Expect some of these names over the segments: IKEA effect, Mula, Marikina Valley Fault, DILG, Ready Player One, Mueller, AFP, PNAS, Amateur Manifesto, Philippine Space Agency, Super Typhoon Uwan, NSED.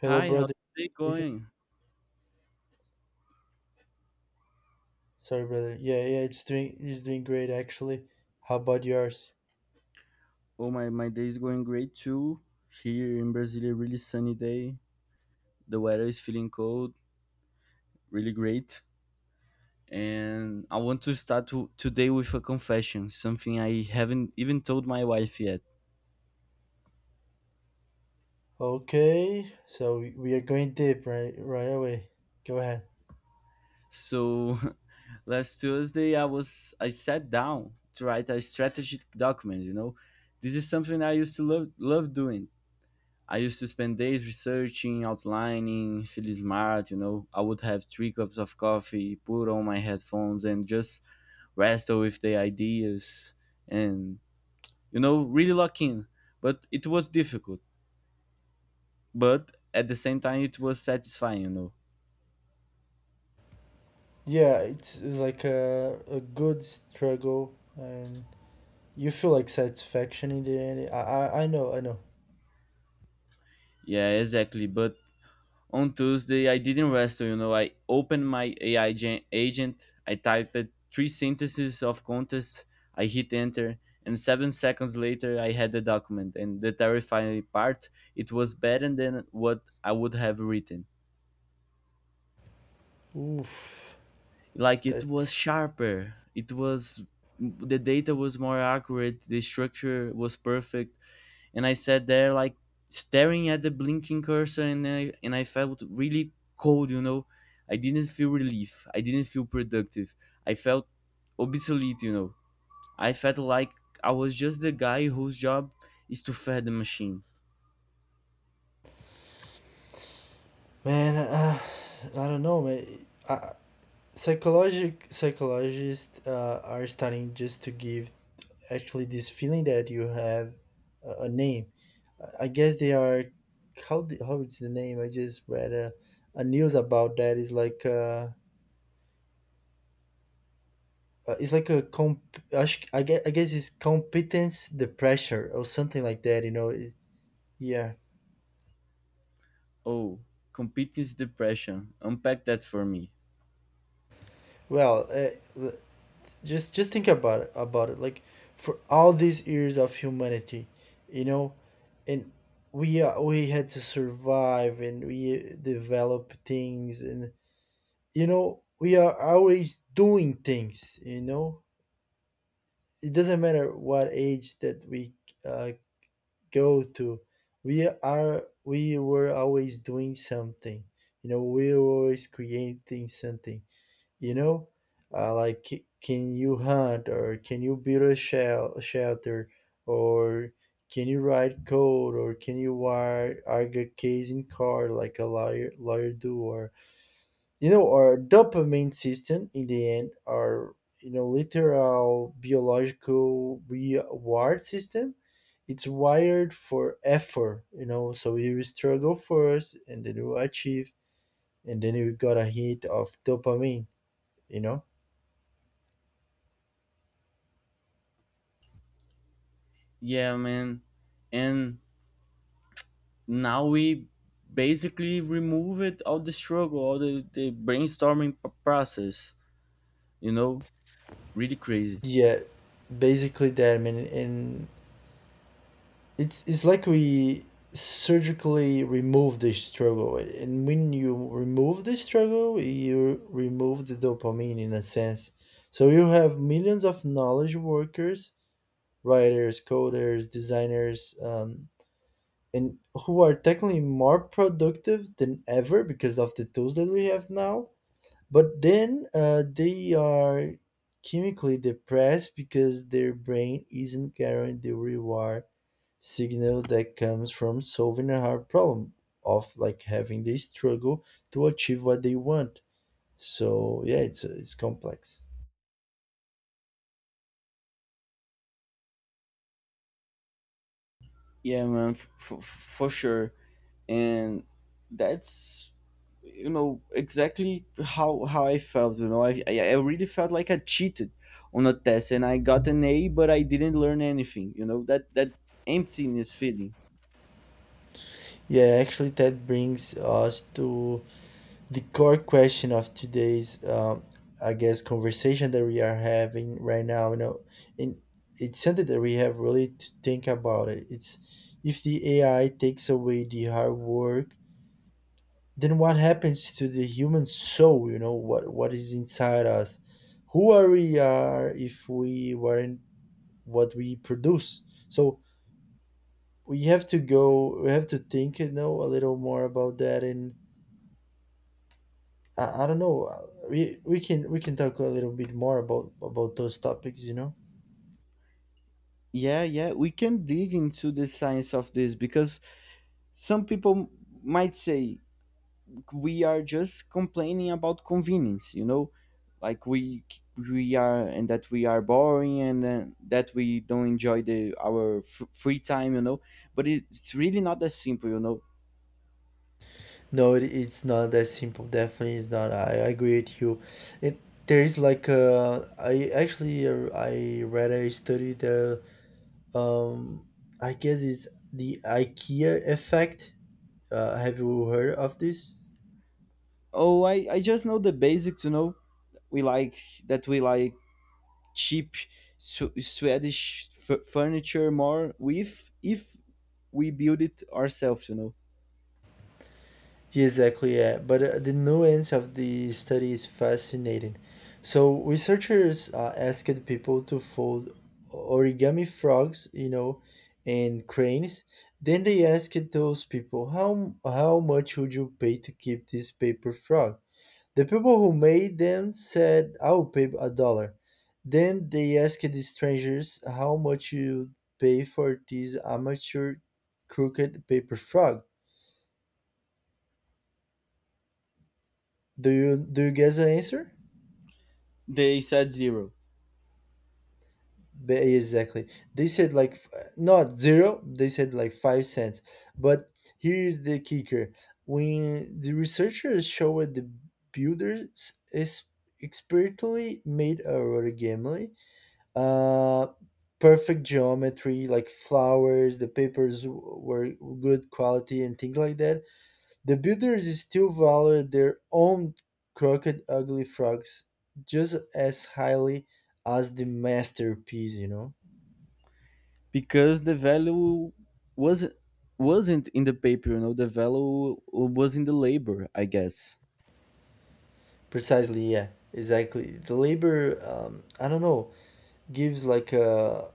Hello, Hi, how's brother. the day You too? going? Sorry, brother. Yeah, yeah, it's doing great actually. How about yours? Oh my day is going great too. Here in Brazil, a really sunny day. The weather is feeling cold, really great. And I want to start today with a confession, something I haven't even told my wife yet. Okay, so we are going deep right away. Go ahead. So last Tuesday, I sat down to write a strategic document. You know, this is something I used to love doing. I used to spend days researching, outlining, feeling smart, you know. I would have three cups of coffee, put on my headphones, and just wrestle with the ideas and, really lock in. But it was difficult. But at the same time, it was satisfying, Yeah, it's like a good struggle, and you feel like satisfaction in the end. I know, I know. Yeah, exactly. But on Tuesday, I didn't wrestle, I opened my AI agent, I typed three sentences of contest, I hit enter, and 7 seconds later, I had the document. And the terrifying part, it was better than what I would have written. Oof, Like, it that's was sharper, it was, the data was more accurate, the structure was perfect, and I sat there like staring at the blinking cursor, and I felt really cold. You know, I didn't feel relief. I didn't feel productive. I felt obsolete. You know, I felt like I was just the guy whose job is to fed the machine. man. I don't know, man. I, psychologic psychologists are starting just to give actually this feeling that you have a name. I guess they are how the, how it's the name? I just read a news about that. It's like a comp. I guess it's competence the pressure or something like that. You know? It- yeah. Oh, competence depression. Unpack that for me. Well, uh, l- just think about it. Like for all these years of humanity, you know, and we had to survive and we develop things, and you know we are always doing things, you know, it doesn't matter what age that we uh, go to, we were always doing something, you know, we were always creating something, you know. Can you hunt, or can you build a shell shelter, or can you write code, or can you wire argue case in car, like a lawyer do? Or you know, our dopamine system in the end, our, you know, literal biological reward system, it's wired for effort, you know. So you struggle first and then you achieve, and then you got a hit of dopamine, you know. Yeah, man. And now we basically remove it all the struggle, all the brainstorming process. You know, really crazy. Yeah, basically that, I mean. And it's like we surgically remove the struggle, and when you remove the struggle, you remove the dopamine in a sense. So you have millions of knowledge workers, writers, coders, designers, and who are technically more productive than ever because of the tools that we have now, but then they are chemically depressed because their brain isn't carrying the reward signal that comes from solving a hard problem, of like having this struggle to achieve what they want. So yeah, it's complex. Yeah, man, for sure. And that's, you know, exactly how I felt. You know, I really felt like I cheated on a test, and I got an A, but I didn't learn anything. You know, that that emptiness feeling. Yeah, actually that brings us to the core question of today's I guess conversation that we are having right now, you know. And it's something that we have really to think about it. It's, if the AI takes away the hard work, then what happens to the human soul? You know, what is inside us? Who are we are if we weren't what we produce? So we have to go. We have to think, you know, a little more about that. And I don't know. We can we can talk a little bit more about those topics, you know? Yeah, yeah, we can dig into the science of this because some people might say we are just complaining about convenience, you know, like we are, and that we are boring and that we don't enjoy the our free time, but it's really not that simple, No, it's not that simple. Definitely, it's not. I agree with you. It, there is like I actually I read a study that um I guess it's the IKEA effect. Have you heard of this? oh I just know the basics, you know. We like, that we like cheap Swedish furniture more with if we build it ourselves, you know. Yeah, exactly, yeah. But the nuance of the study is fascinating. So researchers asked people to fold origami frogs, you know, and cranes. Then they asked those people, how much would you pay to keep this paper frog? The people who made them said, I'll pay a dollar. Then they asked the strangers how much you pay for this amateur crooked paper frog. Do you guess the answer? They said zero Exactly. They said like not zero, they said like 5 cents. But here's the kicker. When the researchers showed the builders is expertly made a origami, uh perfect geometry, like flowers, the papers were good quality and things like that. The builders is still valued their own crooked ugly frogs just as highly as the masterpiece, you know? because the value wasn't wasn't in the paper, you know, the value was in the labor, I guess. Precisely, yeah, exactly. The labor, I don't know, gives like a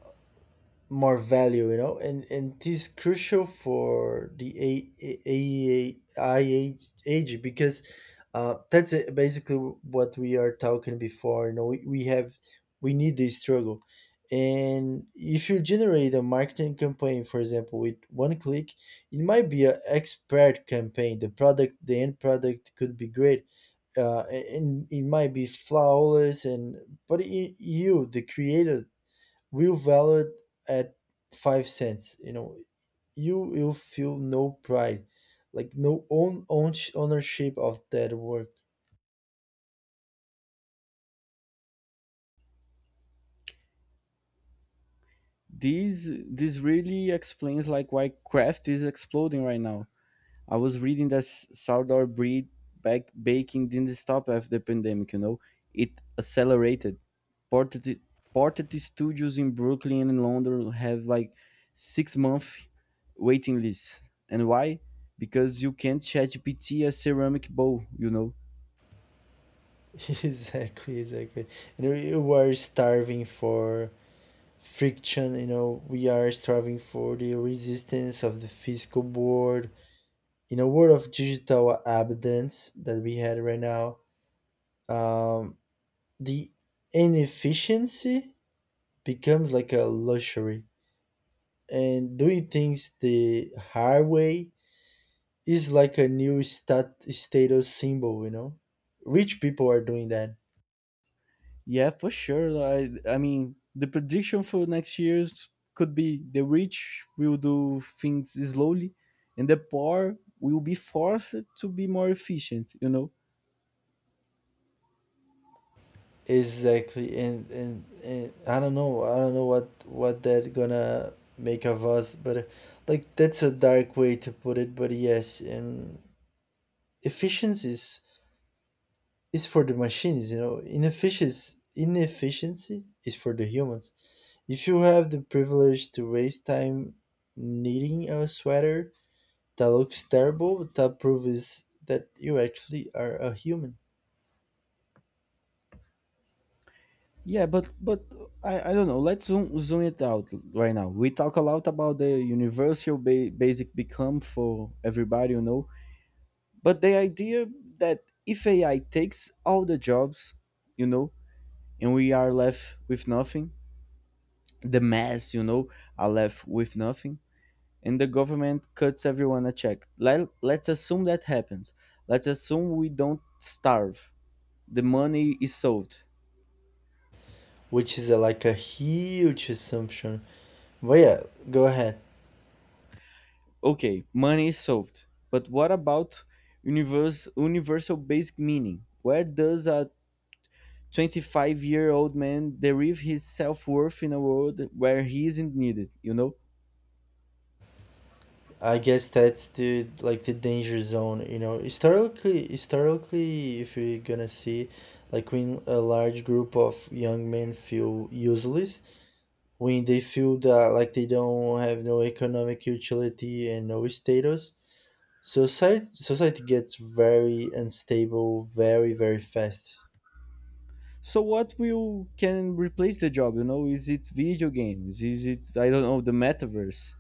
more value, you know. And this is crucial for the AI age because that's it, basically what we are talking before. You know, we have we need this struggle. And if you generate a marketing campaign, for example, with one click, it might be an expert campaign. The product, the end product, could be great. And it might be flawless and but you the creator will valued at 5 cents, you know. You will feel no pride, like no own ownership of that work. This really explains like why craft is exploding right now. I was reading that sourdough breed back baking didn't stop after the pandemic, you know, it accelerated. Ported ported studios in Brooklyn and in London have like 6 month waiting lists. And why? Because you can't chat GPT a ceramic bowl, you know. Exactly, exactly. You know, you are starving for friction, you know, we are striving for the resistance of the physical board in a world of digital abundance that we had right now. Um, the inefficiency becomes like a luxury, and doing things the hard way is like a new status symbol, you know. Rich people are doing that. Yeah, for sure. I mean, the prediction for next year's could be the rich will do things slowly, and the poor will be forced to be more efficient. You know. Exactly. And and I don't know, I don't know what that gonna make of us. But like that's a dark way to put it, but yes. And efficiency is for the machines, you know. Inefficiency is for the humans. If you have the privilege to waste time knitting a sweater that looks terrible, but that proves that you actually are a human. Yeah, but I don't know. Let's zoom it out right now. We talk a lot about the universal basic become for everybody, you know. But the idea that if AI takes all the jobs, you know, and we are left with nothing, the mass, you know, are left with nothing, and the government cuts everyone a check. Let's assume that happens. Let's assume we don't starve. The money is solved. Which is a, like a huge assumption, but yeah, go ahead. Okay, money is solved. But what about universal basic meaning? Where does a 25-year-old man derive his self worth in a world where he isn't needed, you know? I guess that's the like the danger zone, you know. Historically, if you're gonna see, like when a large group of young men feel useless, when they feel that like they don't have no economic utility and no status, society gets very unstable, very fast. So what will can replace the job, you know? Is it video games? Is it, I don't know, the metaverse?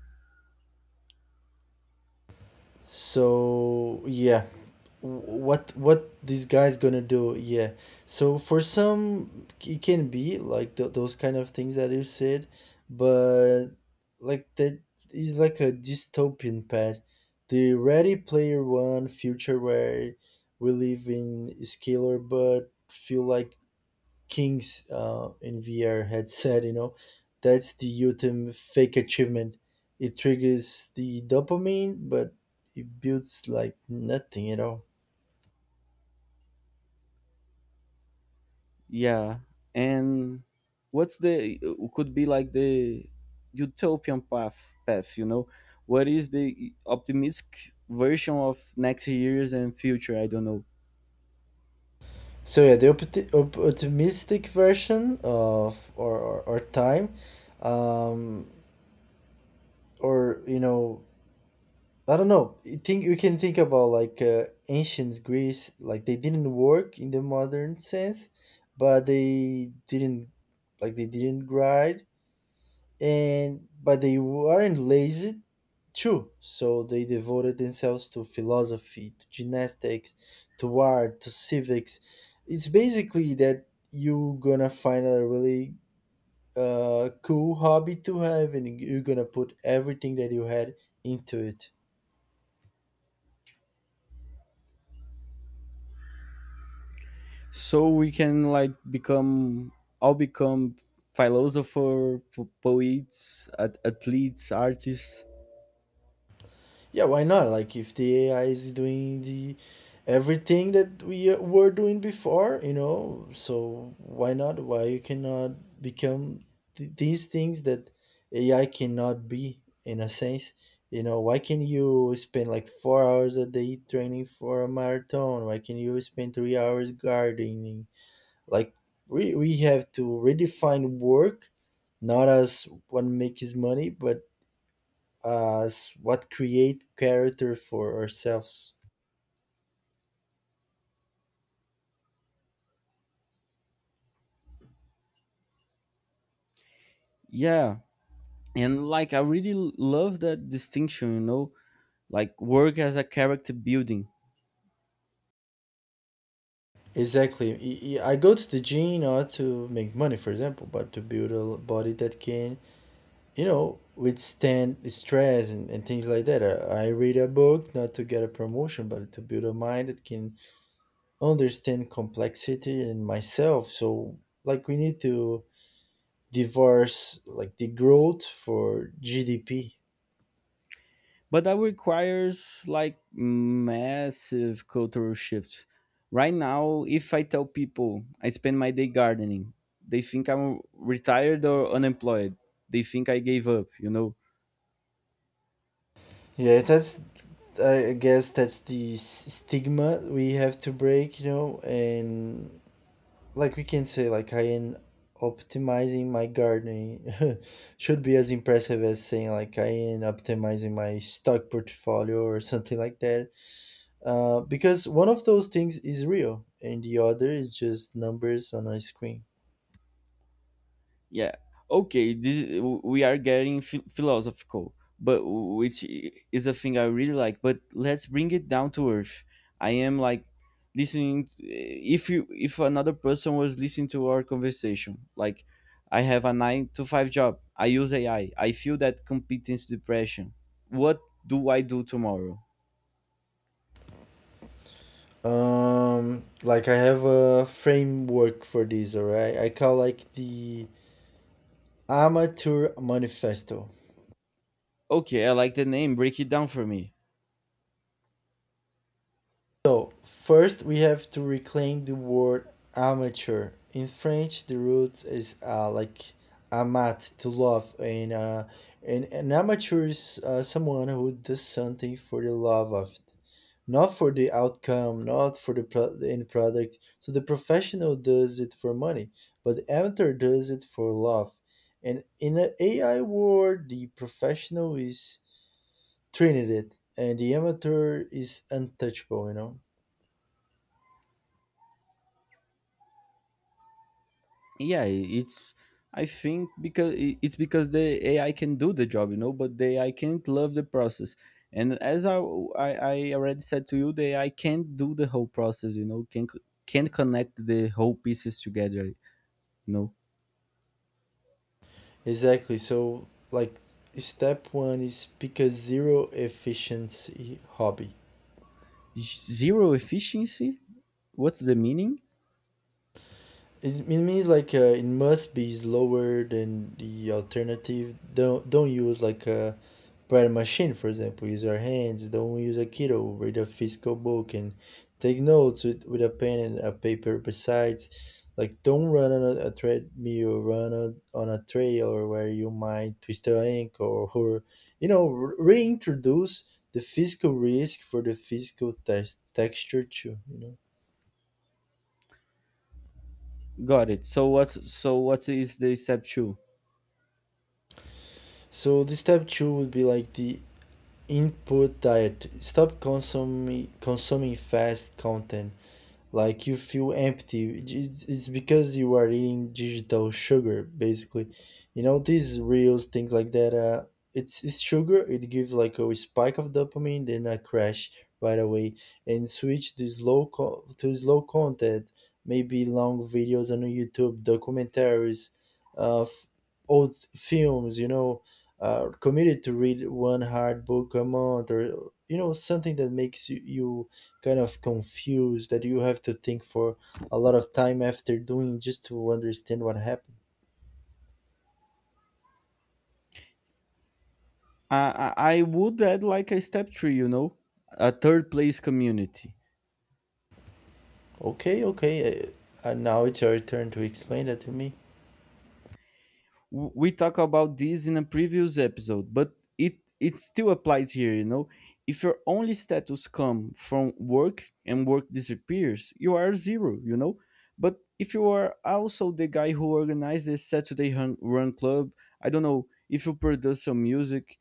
So yeah, what these guys gonna do? Yeah. So for some, it can be like those kind of things that you said. But like that is like a dystopian pad. The Ready Player One future, where we live in scalar but feel like Kings in VR had said, you know, that's the ultimate fake achievement. It triggers the dopamine, but it builds like nothing at all. Yeah, and what's the, could be like the utopian path, you know? What is the optimistic version of next years and future? I don't know. So yeah, the optimistic version of or time, um, or you know, I don't know. You think you can think about like ancient Greece, like they didn't work in the modern sense, but they didn't, like they didn't grind, and but they weren't lazy too. So they devoted themselves to philosophy, to gymnastics, to art, to civics. It's basically that you are gonna find a really cool hobby to have, and you're gonna put everything that you had into it. So we can like become, all become philosopher, poets, athletes, artists. Yeah, why not? Like if the AI is doing the everything that we were doing before, you know, so why not? Why you cannot become these things that AI cannot be in a sense? You know, why can you spend like 4 hours a day training for a marathon? Why can you spend 3 hours gardening? Like we have to redefine work not as what makes money, but as what create character for ourselves. Yeah, and like I really love that distinction, you know, like work as a character building. Exactly. I go to the gym not to make money, for example, but to build a body that can, you know, withstand stress and things like that. I read a book not to get a promotion, but to build a mind that can understand complexity and myself. So like, we need to divorce like the growth for GDP. But that requires like massive cultural shift. Right now if I tell people I spend my day gardening, they think I'm retired or unemployed. They think I gave up, you know. Yeah, that's I guess that's the stigma we have to break, you know. And like we can say, like I am optimizing my gardening should be as impressive as saying like I am optimizing my stock portfolio or something like that. Because one of those things is real and the other is just numbers on a screen. Yeah. Okay, this, we are getting philosophical, but which is a thing I really like. But let's bring it down to earth. I am like listening. To, if you, if another person was listening to our conversation, like I have a nine to five job, I use AI. I feel that competence depression. What do I do tomorrow? Like I have a framework for this, alright? I call like the Amateur Manifesto. Okay, I like the name. Break it down for me. So, first we have to reclaim the word amateur. In French, the root is like amat, to love, and an amateur is someone who does something for the love of it, not for the outcome, not for the end product. So, the professional does it for money, but the amateur does it for love. And in the AI world, the professional is trinity, and the amateur is untouchable, you know? Yeah, it's, I think because it's because the AI can do the job, you know, but the AI can't love the process. And as I already said to you, the AI can't do the whole process, you know, can't connect the whole pieces together, you know. Exactly. So, like, step one is pick a zero efficiency hobby. Zero efficiency, what's the meaning? It's- It means like it must be slower than the alternative. Don't use like a Prior machine, for example, use your hands, don't use a Kindle, read a physical book and take notes with a pen and a paper besides. Like don't run on a treadmill, run on a trail, or where you might twist your ankle, or, you know, reintroduce the physical risk for the physical texture too, you know. Got it. So what's, so what is the step two? So the step two would be like the input diet. Stop consuming fast content, like you feel empty, it's because you are eating digital sugar, basically, you know, these reels, things like that. It's sugar, it gives like a spike of dopamine, then a crash right away. And switch to to slow content, maybe long videos on YouTube, documentaries, uh f- old films, you know. Uh, committed to read one hard book a month, or you know, something that makes you kind of confused, that you have to think for a lot of time after doing just to understand what happened. I would add like a step three, you know, a third place community. Okay, okay. Now it's your turn to explain that to me. W- we talk about this in a previous episode, but it still applies here. You know, if your only status come from work and work disappears, you are zero. You know, but if you are also the guy who organized the Saturday Run Club, I don't know if you produce some music,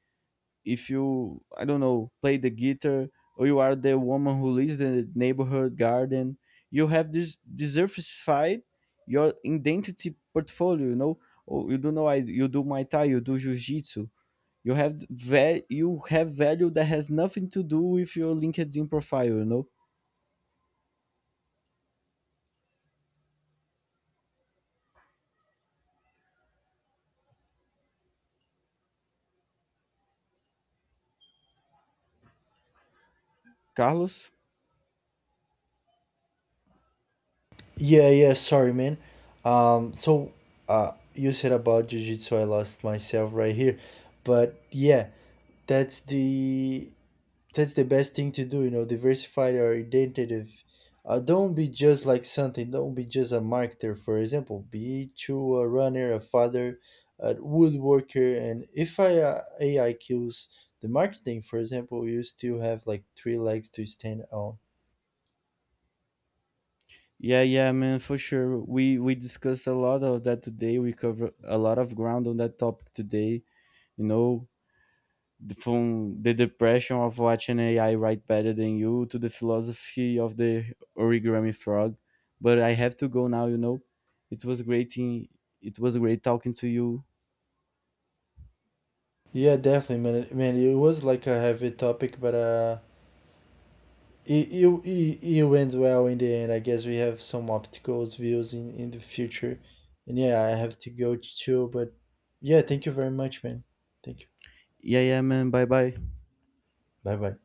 if you, I don't know, play the guitar, or you are the woman who lives in the neighborhood garden, you have this diversified your identity portfolio, you know. Oh, you do know, I, you do my thai, you do jiu-jitsu. You have you have value that has nothing to do with your LinkedIn profile, you know. Carlos, Yeah, yeah. Sorry, man. Um, so, you said about jujitsu, I lost myself right here, but yeah, that's the that's the best thing to do, you know. Diversify your identity. Uh, don't be just like something, don't be just a marketer, for example, be to a runner, a father, a woodworker. And if ai kills the marketing, for example, you still have like three legs to stand on. yeah, yeah, man, for sure. We discussed a lot of that today. We covered a lot of ground on that topic today, you know, from the depression of watching AI write better than you to the philosophy of the origami frog. But I have to go now, you know. It was great in, it was great talking to you. Yeah, definitely, man, it was like a heavy topic. But it went well in the end. I guess we have some obstacles views in the future. And yeah, I have to go too. But yeah, thank you very much, man. Thank you. Yeah, yeah, man. Bye bye. Bye bye.